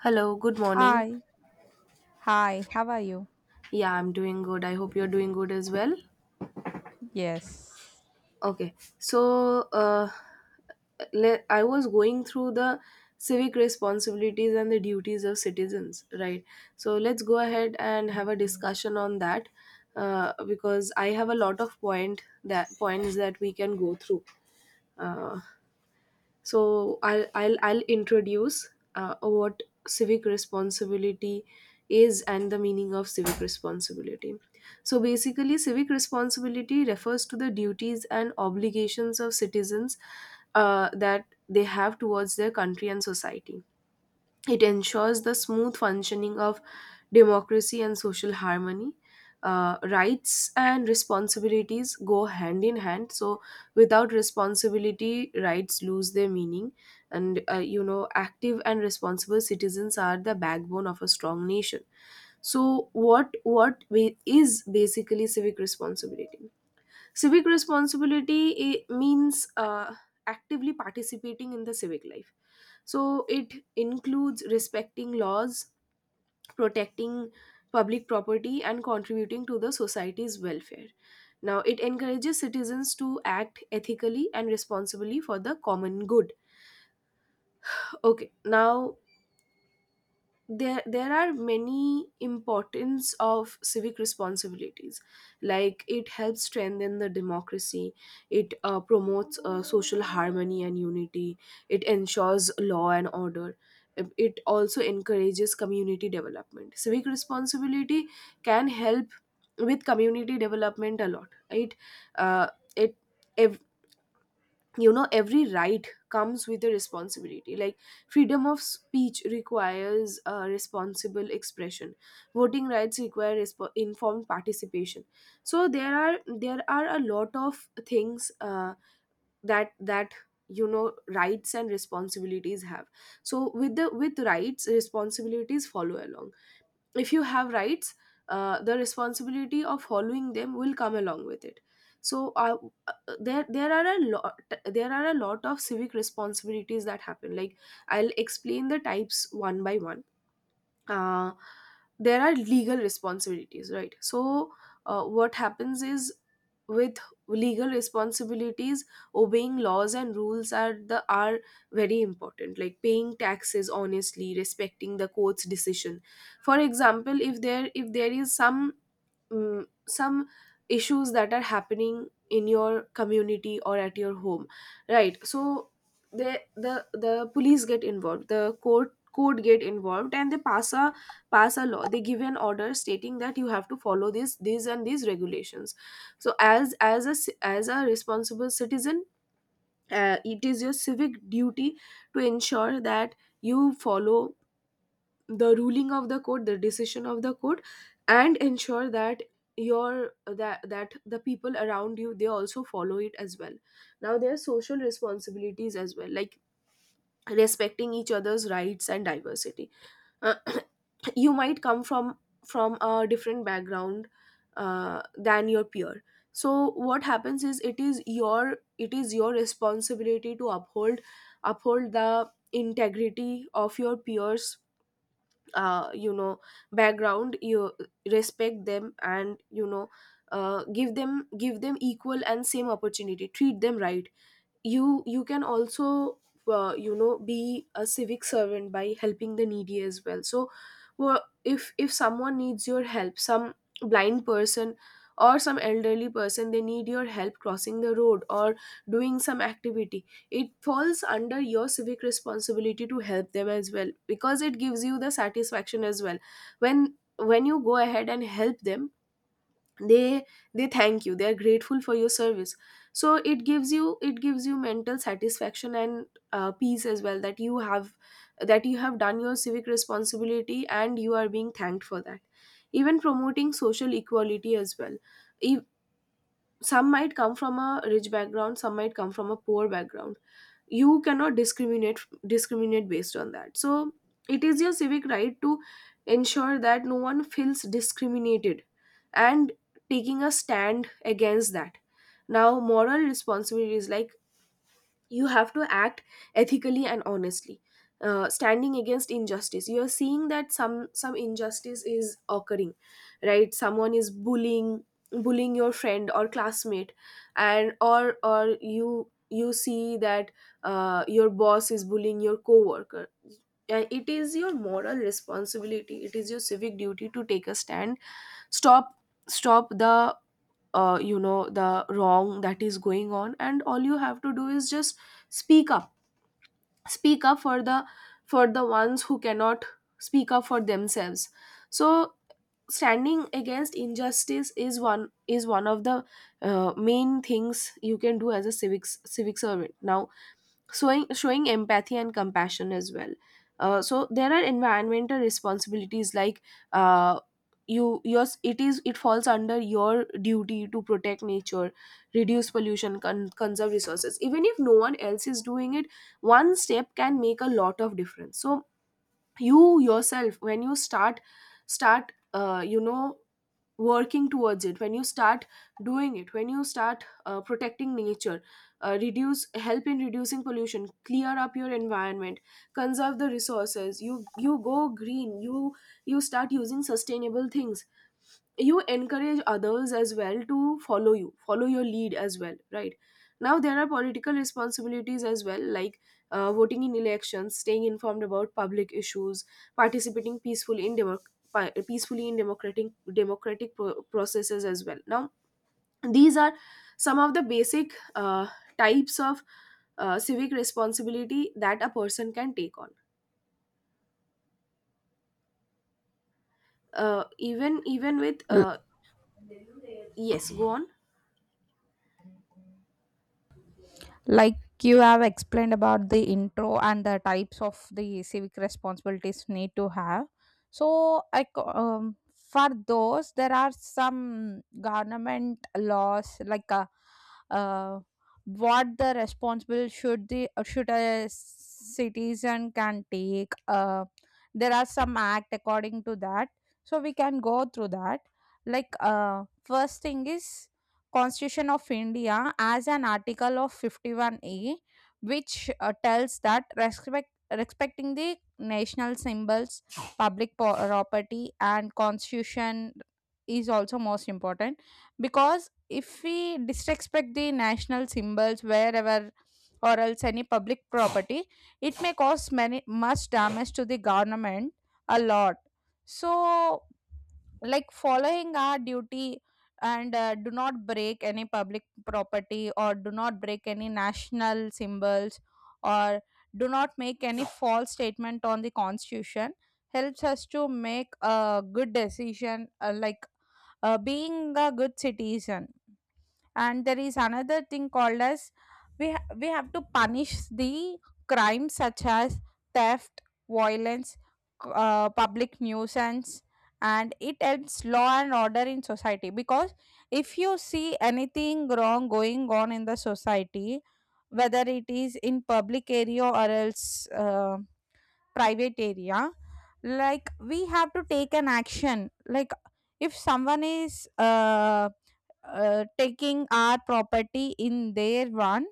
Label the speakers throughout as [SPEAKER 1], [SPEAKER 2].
[SPEAKER 1] Hello, good morning.
[SPEAKER 2] Hi. Hi, how are you?
[SPEAKER 1] Yeah, I'm doing good. I hope you're doing good as well.
[SPEAKER 2] Yes.
[SPEAKER 1] Okay, so uh, I was going through the civic responsibilities and the duties of citizens, right? So let's go ahead and have a discussion on that because I have a lot of points that we can go through. Uh, I'll introduce what civic responsibility is and the meaning of civic responsibility. So basically civic responsibility refers to the duties and obligations of citizens that they have towards their country and society. It ensures the smooth functioning of democracy and social harmony. Rights and responsibilities go hand in hand. So, without responsibility, rights lose their meaning. And, you know, active and responsible citizens are the backbone of a strong nation. So, what ba- is basically civic responsibility? Civic responsibility means actively participating in the civic life. So it includes respecting laws, protecting public property, and contributing to the society's welfare. Now, it encourages citizens to act ethically and responsibly for the common good. Okay, now there are many importance of civic responsibilities, like it helps strengthen the democracy, it promotes social harmony and unity, it ensures law and order, it also encourages community development. Civic responsibility can help with community development a lot. Uh, it ev- you know, every right comes with a responsibility, like freedom of speech requires responsible expression, voting rights require informed participation. So there are a lot of things that that you know, rights and responsibilities have. So with rights, responsibilities follow along. If you have rights, the responsibility of following them will come along with it. so uh, uh, there there are a lot there are a lot of civic responsibilities that happen. Like, I'll explain the types one by one. uh, there are legal responsibilities, right? So, what happens is, with legal responsibilities, obeying laws and rules are very important. Like paying taxes honestly, respecting the court's decision. For example, if there is some some issues that are happening in your community or at your home, right? So the police get involved, the court get involved, and they pass a law, they give an order stating that you have to follow this these and these regulations. So as a responsible citizen, it is your civic duty to ensure that you follow the ruling of the court, the decision of the court, and ensure that your that that the people around you, they also follow it as well. Now there are social responsibilities as well, like respecting each other's rights and diversity. uh, you might come from a different background, than your peer. So what happens is, it is your responsibility to uphold the integrity of your peers, you know, background. You respect them, and you know, give them equal and same opportunity, treat them right. You can also you know, be a civic servant by helping the needy as well. So well, if someone needs your help, some blind person or some elderly person, they need your help crossing the road or doing some activity, it falls under your civic responsibility to help them as well, because it gives you the satisfaction as well. When you go ahead and help them, they thank you, they are grateful for your service. So it gives you mental satisfaction and peace as well, that you have done your civic responsibility and you are being thanked for that. Even promoting social equality as well. If, Some might come from a rich background, some might come from a poor background, you cannot discriminate based on that. So it is your civic right to ensure that no one feels discriminated, and taking a stand against that. Now, moral responsibilities, like you have to act ethically and honestly. Standing against injustice. You are seeing that some injustice is occurring, right? Someone is bullying your friend or classmate, and or you see that your boss is bullying your coworker, and it is your moral responsibility, it is your civic duty to take a stand. Stop stop the you know, the wrong that is going on, and all you have to do is just speak up. Speak up for the ones who cannot speak up for themselves. So standing against injustice is one of the main things you can do as a civic servant. Now, showing empathy and compassion as well. So there are environmental responsibilities, like uh, you yours it is, it falls under your duty to protect nature, reduce pollution, conserve resources, even if no one else is doing it. One step can make a lot of difference. So you yourself, when you start you know, working towards it, when you start doing it, when you start protecting nature, reduce help in reducing pollution, clear up your environment, conserve the resources, you go green, you start using sustainable things, you encourage others as well to follow you, follow your lead as well, right? Now there are political responsibilities as well, like voting in elections, staying informed about public issues, participating peacefully in democratic processes as well. Now, these are some of the basic types of civic responsibility that a person can take on. Even even with Yes, go on.
[SPEAKER 2] Like you have explained about the intro and the types of the civic responsibilities need to have, so for those there are some government laws. Uh, what the responsible should a citizen can take, there are some act according to that, so we can go through that. First thing is Constitution of India as an article of 51A, which tells that respecting the national symbols, property and constitution is also most important, because if we disrespect the national symbols wherever or else any public property, it may cause many much damage to the government a lot. So like following our duty, and do not break any public property or do not break any national symbols, or do not make any false statement on the constitution, helps us to make a good decision, like being a good citizen. And there is another thing called as, we have to punish the crimes such as theft, violence, public nuisance, and it helps law and order in society, because if you see anything wrong going on in the society, whether it is in public area or else private area, like we have to take an action. Like if someone is taking our property in their one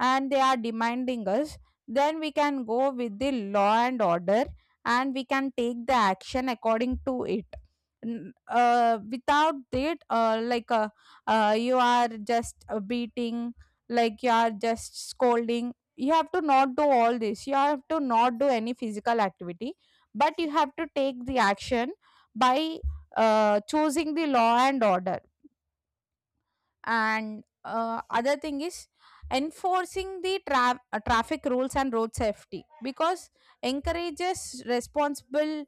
[SPEAKER 2] and they are demanding us, then we can go with the law and order and we can take the action according to it. Without that, you are just beating, like you are just scolding. You have to not do all this, you have to not do any physical activity, but you have to take the action by choosing the law and order. And other thing is enforcing the traffic rules and road safety, because encourages responsible,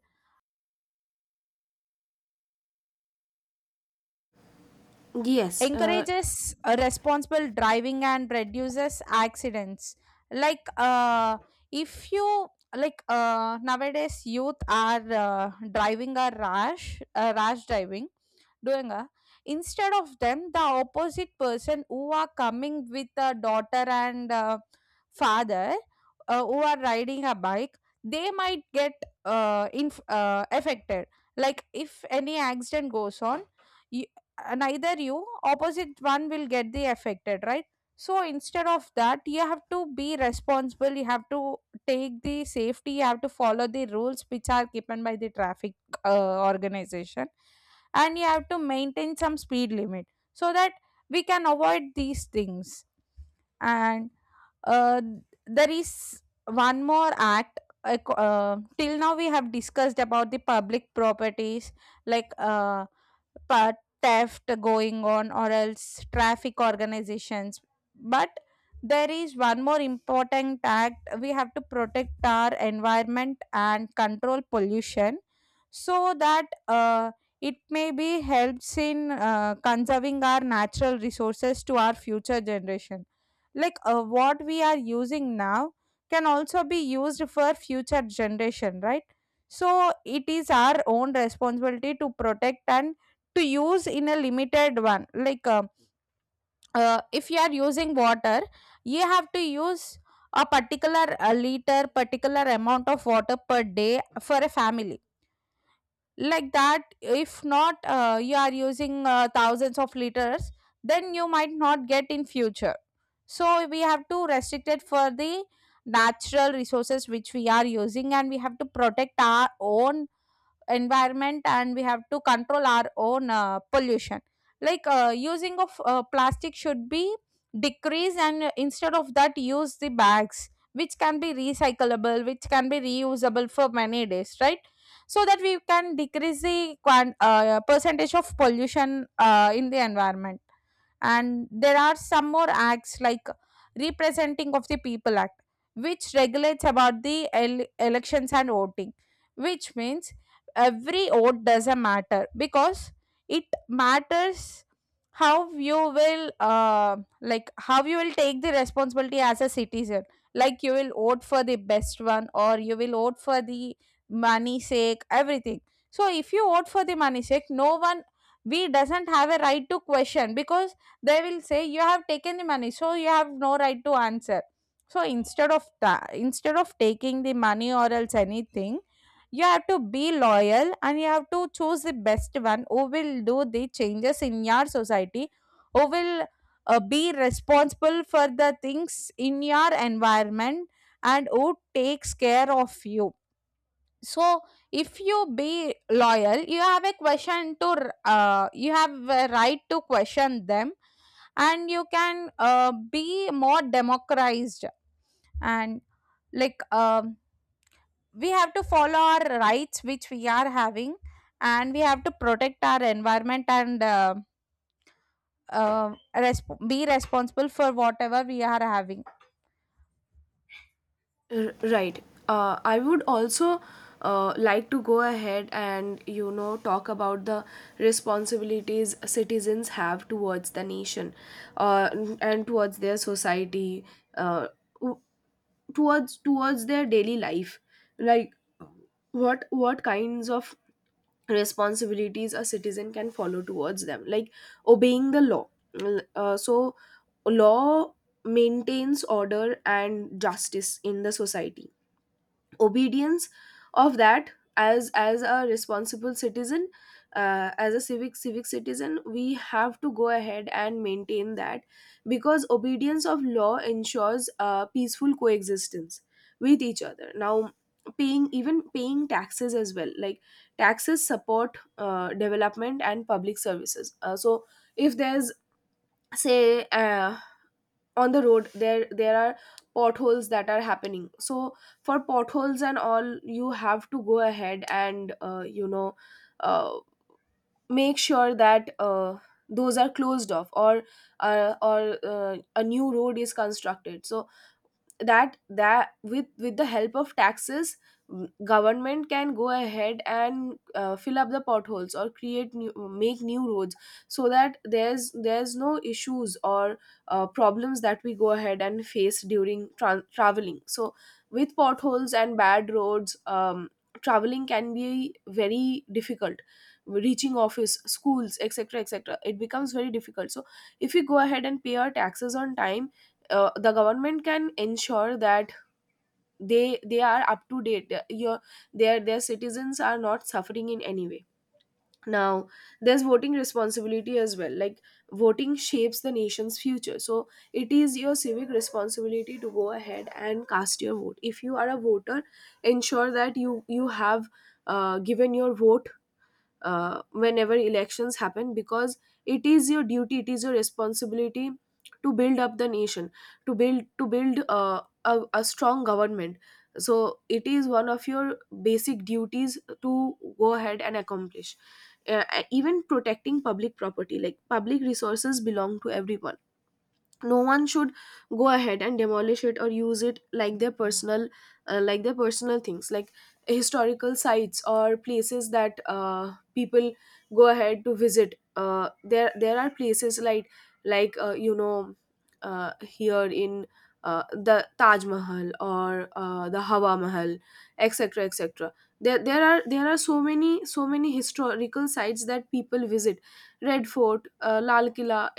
[SPEAKER 1] Yes,
[SPEAKER 2] encourages responsible driving and reduces accidents. Like uh, if you like uh, nowadays youth are driving a rash driving, doing a, instead of them the opposite person who are coming with a daughter and father, who are riding a bike, they might get affected. Like if any accident goes on, neither you opposite one will get the affected, right? So instead of that, you have to be responsible, you have to take the safety, you have to follow the rules which are given by the traffic organization, and you have to maintain some speed limit so that we can avoid these things. And uh, there is one more act. Till now we have discussed about the public properties, like pa- theft going on or else traffic organizations, but there is one more important act. We have to protect our environment and control pollution, so that it may be helps in conserving our natural resources to our future generation. Like what we are using now can also be used for future generation, right? So it is our own responsibility to protect and to use in a limited one. Like if you are using water, you have to use a particular a liter particular amount of water per day for a family. Like that, if not, you are using thousands of liters, then you might not get in future. So we have to restrict it for the natural resources which we are using, and we have to protect our own environment, and we have to control our own pollution. Like using of plastic should be decreased, and instead of that use the bags which can be recyclable, which can be reusable for many days, right? So that we can decrease the percentage of pollution in the environment. And there are some more acts like representing of the people act, which regulates about the elections and voting. Which means every vote doesn't matter, because it matters how you will, like how you will take the responsibility as a citizen. Like you will vote for the best one, or you will vote for the money sake, everything. So if you vote for the money sake, no one, we doesn't have a right to question, because they will say you have taken the money, so you have no right to answer. So instead of instead of taking the money or else anything, you have to be loyal, and you have to choose the best one who will do the changes in your society, who will be responsible for the things in your environment, and who takes care of you. So if you be loyal, you have a question to you have a right to question them, and you can be more democratized. And like um, we have to follow our rights which we are having, and we have to protect our environment and be responsible for whatever we are having.
[SPEAKER 1] Right. I would also like to go ahead and, you know, talk about the responsibilities citizens have towards the nation, uh, and towards their society. Uh, towards their daily life, like what kinds of responsibilities a citizen can follow towards them, like obeying the law. So law maintains order and justice in the society. Obedience of that, as a responsible citizen, as a civic citizen, we have to go ahead and maintain that, because obedience of law ensures peaceful coexistence with each other. Now, paying, even paying taxes as well, like taxes support development and public services. So if there's, say on the road, there are potholes that are happening. So for potholes and all, you have to go ahead and you know, uh, make sure that those are closed off, or a new road is constructed, so that with the help of taxes, government can go ahead and fill up the potholes or create new make new roads, so that there's no issues or problems that we go ahead and face during traveling. So with potholes and bad roads, traveling can be very difficult, reaching office, schools, etc, etc. It becomes very difficult. So if you go ahead and pay our taxes on time, the government can ensure that they are up to date. Your their citizens are not suffering in any way. Now, there's voting responsibility as well, like voting shapes the nation's future. So it is your civic responsibility to go ahead and cast your vote, if you are a voter. Ensure that you have given your vote whenever elections happen, because it is your duty, it is your responsibility to build up the nation, to build a strong government. So it is one of your basic duties to go ahead and accomplish. uh, Even protecting public property, like public resources belong to everyone. No one should go ahead and demolish it or use it like their personal, things, like historical sites or places that people go ahead to visit. There are places like you know, here in, the Taj Mahal or the Hawa Mahal, etc, etc. There are so many so many historical sites that people visit. Red Fort, Lal Killa.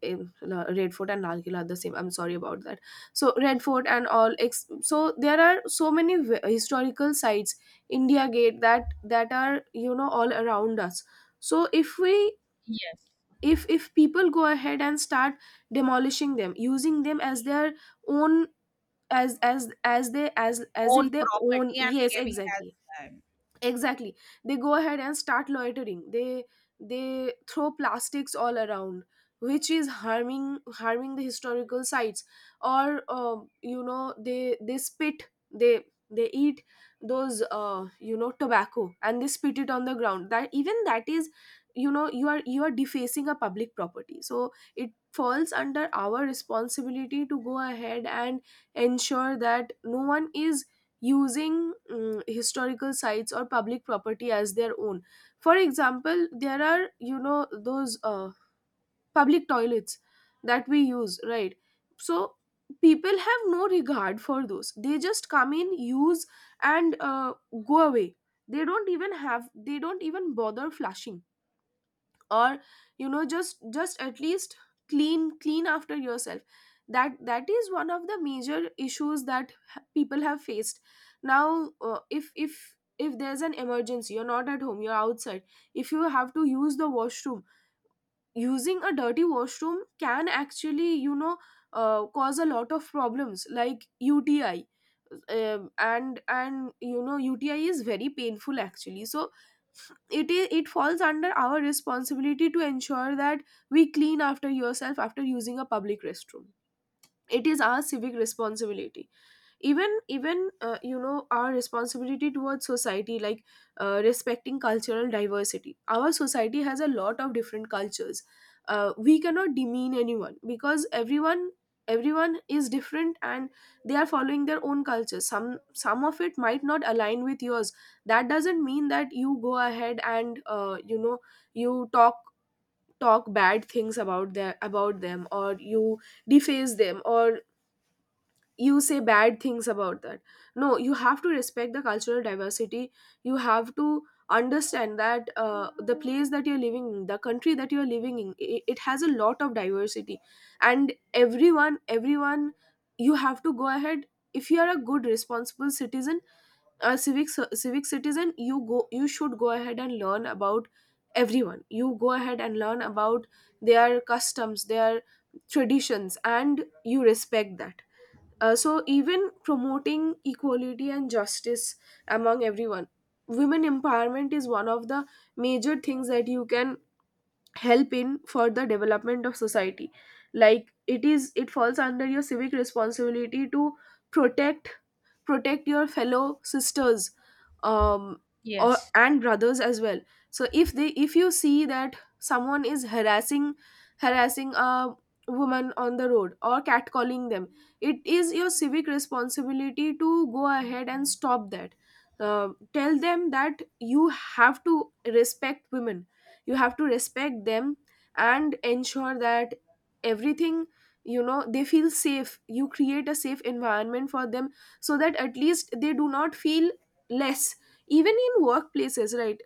[SPEAKER 1] In Red Fort and Lal Killa are the same. I'm sorry about that. So Red Fort and all. So there are so many historical sites, India Gate, that that are, you know, all around us. So if we
[SPEAKER 2] Yes.
[SPEAKER 1] if people go ahead and start demolishing them, using them as their own, as if
[SPEAKER 2] Own
[SPEAKER 1] they own.
[SPEAKER 2] property and
[SPEAKER 1] Yes,
[SPEAKER 2] behaving as
[SPEAKER 1] exactly,
[SPEAKER 2] um,
[SPEAKER 1] exactly, they go ahead and start loitering. They throw plastics all around, which is harming the historical sites. Or you know, they spit, they eat those you know, tobacco, and they spit it on the ground. That, even that is, you know, you are defacing a public property. So it falls under our responsibility to go ahead and ensure that no one is using historical sites or public property as their own. For example, there are, you know, those public toilets that we use, right? So people have no regard for those. They just come in, use, and go away. They don't even have, they don't even bother flushing. Or you know, just at least clean after yourself. That is one of the major issues that people have faced. Now if if there's an emergency, you're not at home, you're outside, if you have to use the washroom, using a dirty washroom can actually, you know, cause a lot of problems like UTI. And you know, UTI is very painful actually. So it is, it falls under our responsibility to ensure that we clean after yourself after using a public restroom. It is our civic responsibility. Even you know, our responsibility towards society, like respecting cultural diversity. Our society has a lot of different cultures. We cannot demean anyone, because everyone is different, and they are following their own culture. Some of it might not align with yours. That doesn't mean that you go ahead and you know, you talk, talk bad things about their about them, or you deface them, or you say bad things about that. No, you have to respect the cultural diversity. You have to understand that the place that you're living in, the country that you're living in, it has a lot of diversity. And everyone, you have to go ahead, if you are a good responsible citizen, a civic citizen, you should go ahead and learn about everyone. You go ahead and learn about their customs, their traditions, and you respect that. So, even promoting equality and justice among everyone, women empowerment is one of the major things that you can help in for the development of society. Like, it is, it falls under your civic responsibility to protect protect your fellow sisters, um or
[SPEAKER 2] yes.
[SPEAKER 1] and brothers as well. So if they if you see that someone is harassing a woman on the road or catcalling them, it is your civic responsibility to go ahead and stop that. Tell them that you have to respect women, you have to respect them, and ensure that everything, you know, they feel safe. You create a safe environment for them, so that at least they do not feel less. Even in workplaces, right?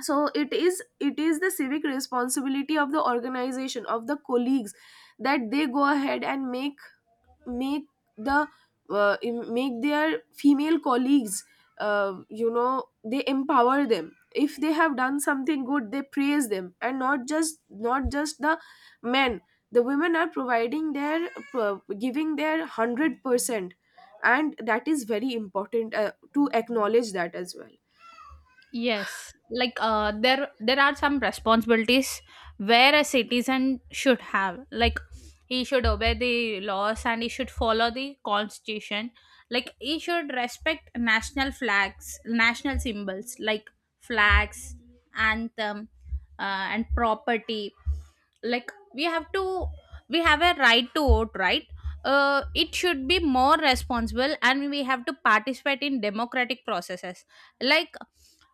[SPEAKER 1] So it is the civic responsibility of the organization, of the colleagues, that they go ahead and make the make their female colleagues you know, they empower them. If they have done something good, they praise them, and not just the men. The women are providing their, giving their 100%, and that is very important, to acknowledge that as well.
[SPEAKER 2] Yes, like there are some responsibilities where a citizen should have. Like he should obey the laws and he should follow the constitution. Like he should respect national flags, national symbols like flags, anthem, and property. Like we have to, we have a right to vote, right? It should be more responsible, and we have to participate in democratic processes. Like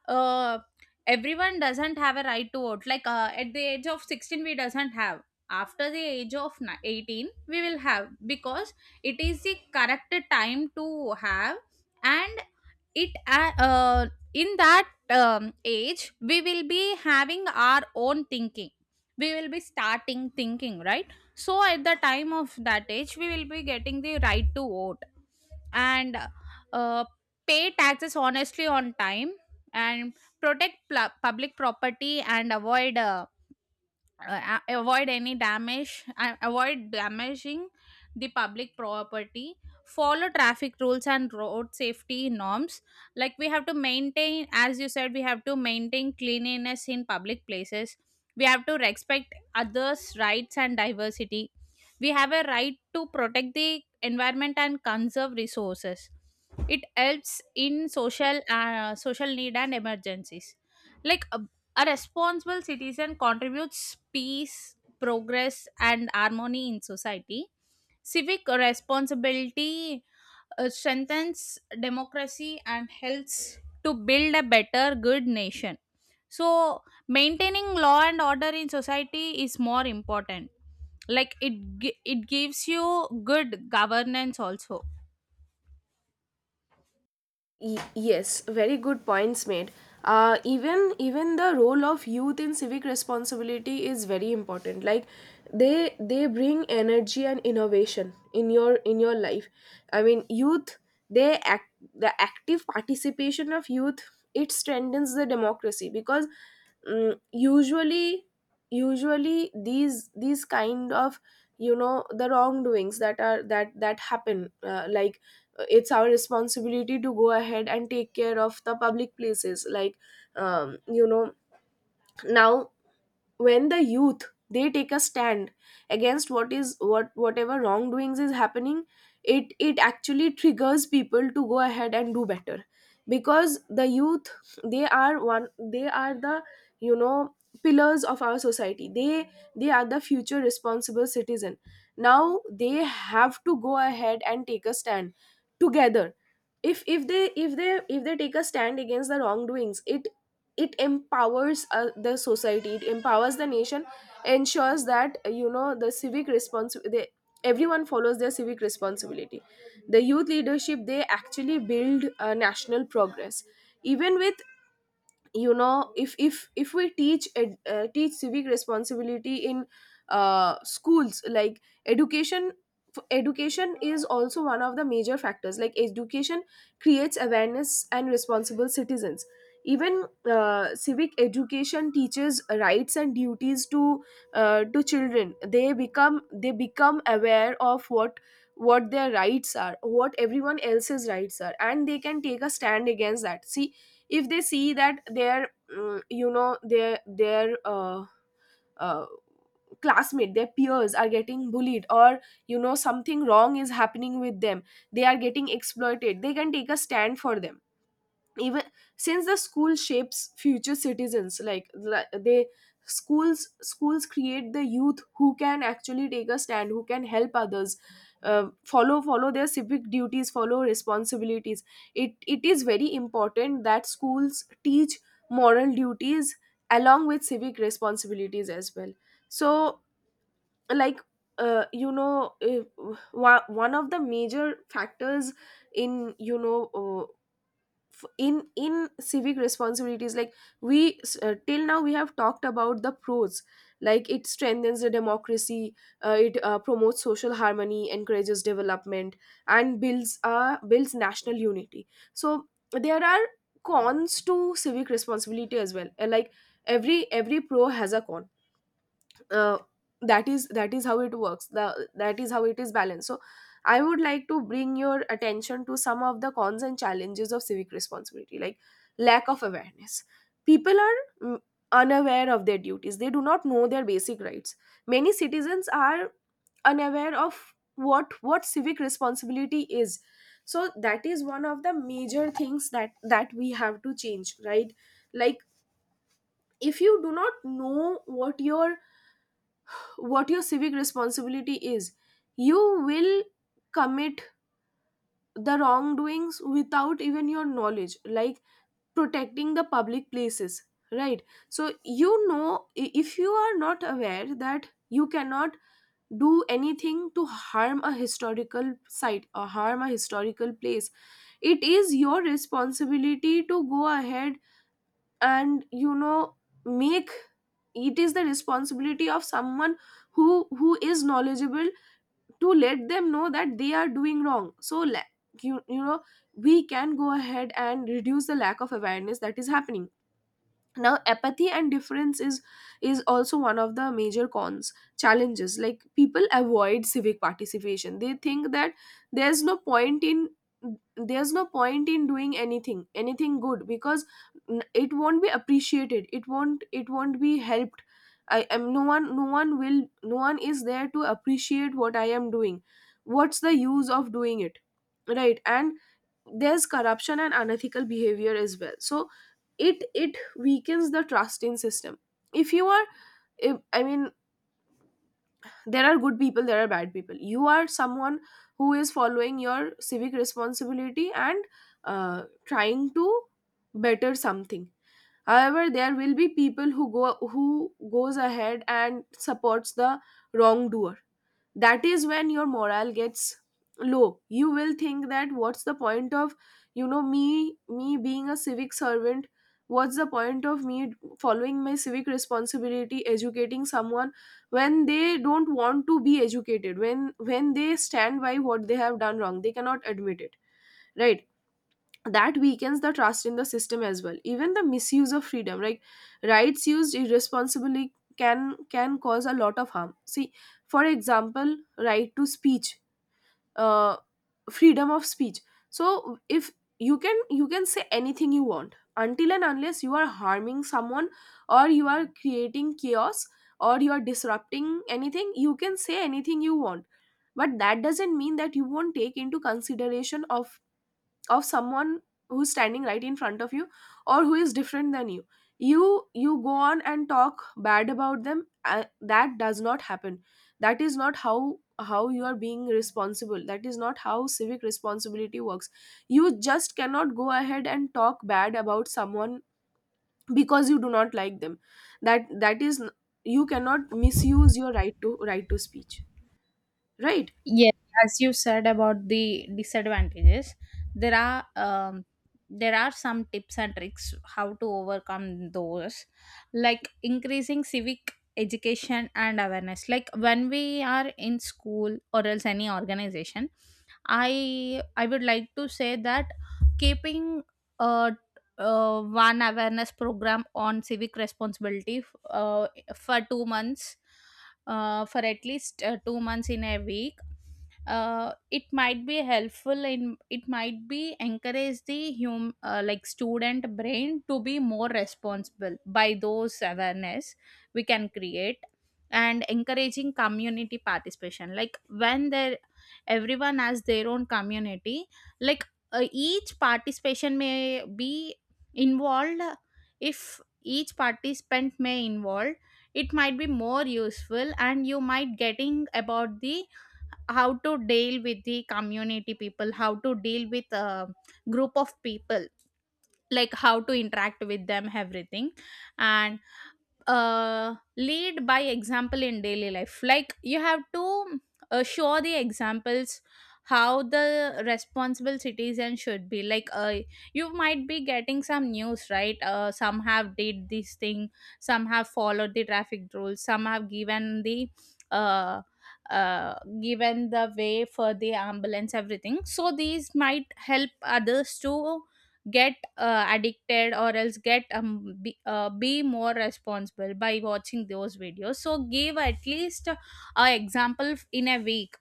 [SPEAKER 2] uh, Everyone doesn't have a right to vote. Like at the age of 16 we doesn't have, after the age of 18 we will have, because it is the correct time to have. And it in that age we will be having our own thinking, we will be starting thinking, right? So at the time of that age we will be getting the right to vote. And uh, pay taxes honestly on time, and protect pla public property and avoid avoid any damage, avoid damaging the public property. Follow traffic rules and road safety norms. Like we have to maintain, as you said, we have to maintain cleanliness in public places. We have to respect others rights and diversity. We have a right to protect the environment and conserve resources. It helps in social social need and emergencies. Like a responsible citizen contributes peace, progress, and harmony in society. Civic responsibility strengthens democracy and helps to build a better, good nation. So, maintaining law and order in society is more important. Like it, it gives you good governance also.
[SPEAKER 1] Yes, very good points made. Even the role of youth in civic responsibility is very important. Like, they bring energy and innovation in your life. I mean, youth, they act, the active participation of youth, it strengthens the democracy. Because mm, usually usually these kind of, you know, the wrongdoings that are that that happen, like, it's our responsibility to go ahead and take care of the public places. Like you know, now, when the youth, they take a stand against whatever wrongdoings is happening, it actually triggers people to go ahead and do better. Because the youth, they are the, you know, pillars of our society. They they are the future responsible citizen. Now they have to go ahead and take a stand together. If if they take a stand against the wrongdoings, it empowers the society, it empowers the nation. Ensures that you know, the civic response they, everyone follows their civic responsibility. The youth leadership, they actually build national progress. Even with, you know, if we teach civic responsibility in schools. Like education, education is also one of the major factors. Like education creates awareness and responsible citizens. Even civic education teaches rights and duties to children. They become, they become aware of what their rights are, what everyone else's rights are, and they can take a stand against that. See, if they see that their you know, their uh, classmate, their peers are getting bullied, or you know, something wrong is happening with them, they are getting exploited, they can take a stand for them. Even, since the school shapes future citizens, like the- they schools create the youth who can actually take a stand, who can help others follow their civic duties, follow responsibilities. It is very important that schools teach moral duties along with civic responsibilities as well. So, like, you know, one of the major factors in, you know, in civic responsibilities, like, till now we have talked about the pros. Like, it strengthens the democracy, it promotes social harmony, encourages development, and builds national unity. So, there are cons to civic responsibility as well. Like, every pro has a con. uh, that is how it works. That is how it is balanced. So I would like to bring your attention to some of the cons and challenges of civic responsibility. Like, lack of awareness. People are unaware of their duties, they do not know their basic rights. Many citizens are unaware of what civic responsibility is. So that is one of the major things that we have to change, right? Like, if you do not know what your civic responsibility is, you will commit the wrongdoings without even your knowledge. Like, protecting the public places, right? So, you know, if you are not aware that you cannot do anything to harm a historical site or harm a historical place, it is your responsibility to go ahead and, you know, make, it is the responsibility of someone who is knowledgeable to let them know that they are doing wrong. So you know, we can go ahead and reduce the lack of awareness that is happening. Now, apathy and difference is also one of the major cons, challenges. Like, people avoid civic participation. They think that there's no point in there's no point in doing anything good, because it won't be appreciated, it won't be helped. I am no one, no one will no one is there to appreciate what I am doing. What's the use of doing it, right? And there's corruption and unethical behavior as well. So it weakens the trust in system. If you are, if, I mean, there are good people, there are bad people. You are someone who is following your civic responsibility and trying to better something. However, there will be people who go who goes ahead and supports the wrongdoer. That is when your morale gets low. You will think that, what's the point of, you know, me being a civic servant? What's the point of me following my civic responsibility, educating someone when they don't want to be educated, when they stand by what they have done wrong, they cannot admit it, right? That weakens the trust in the system as well. Even the misuse of freedom, like rights used irresponsibly can cause a lot of harm. See, for example, right to speech, uh, freedom of speech. So if you can say anything you want, until and unless you are harming someone, or you are creating chaos, or you are disrupting anything, you can say anything you want. But that doesn't mean that you won't take into consideration of someone who's standing right in front of you, or who is different than you. you you go on and talk bad about them. That does not happen. That is not how you are being responsible. That is not how civic responsibility works. You just cannot go ahead and talk bad about someone because you do not like them. That that is You cannot misuse your right to speech, right?
[SPEAKER 2] Yeah, as you said about the disadvantages, there are there are some tips and tricks how to overcome those, like increasing civic education and awareness. Like when we are in school or else any organization, I would like to say that keeping uh, one awareness program on civic responsibility for 2 months, for at least 2 months in a week, it might be helpful in, it might be encourage the hum like student brain to be more responsible. By those awareness we can create, and encouraging community participation. Like when there, everyone has their own community. Like each participation may be involved, if each participant may involve, it might be more useful, and you might getting about the, how to deal with the community people, how to deal with a group of people, like how to interact with them, everything. And lead by example in daily life. Like you have to show the examples how the responsible citizen should be. Like you might be getting some news, right? Some have did this thing, some have followed the traffic rules, some have uh, uh, given the way for the ambulance, everything. So these might help others to get addicted, or else get be more responsible by watching those videos. So give at least a example in a week.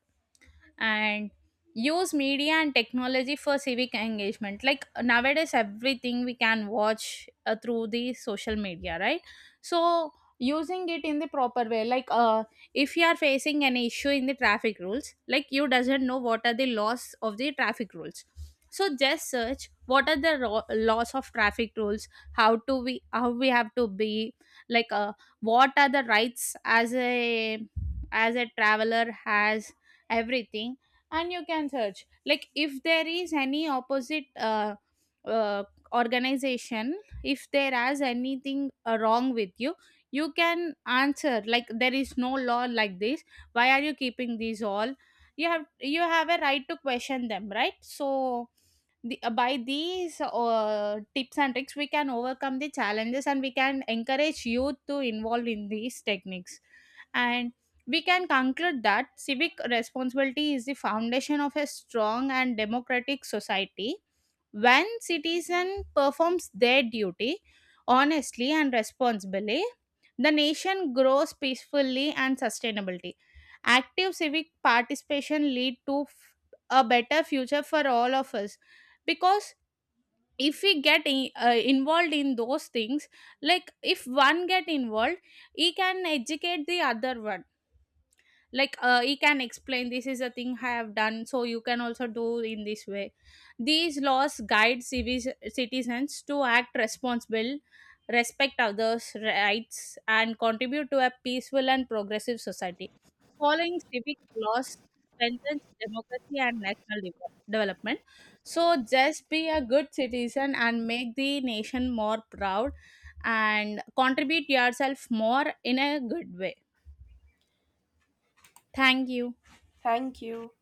[SPEAKER 2] And use media and technology for civic engagement. Like nowadays everything we can watch through the social media, right? So using it in the proper way. Like if you are facing an issue in the traffic rules, like you doesn't know what are the laws of the traffic rules, so just search what are the laws of traffic rules, how we have to be, like what are the rights as a, as a traveler has, everything. And you can search, like if there is any opposite uh, organization, if there is anything wrong with you, you can answer like there is no law like this, why are you keeping these all. You have you have a right to question them, right? So the, by these tips and tricks we can overcome the challenges, and we can encourage youth to involve in these techniques. And we can conclude that civic responsibility is the foundation of a strong and democratic society. When citizen performs their duty honestly and responsibly, the nation grows peacefully and sustainably. Active civic participation lead to a better future for all of us. Because if we get involved in those things, like if one get involved, he can educate the other one. Like he can explain this is a thing I have done, so you can also do in this way. These laws guide citizens to act responsible, respect others rights, and contribute to a peaceful and progressive society. Following civic laws strengthens democracy and national development. So just be a good citizen and make the nation more proud, and contribute yourself more in a good way. Thank you.
[SPEAKER 1] Thank you.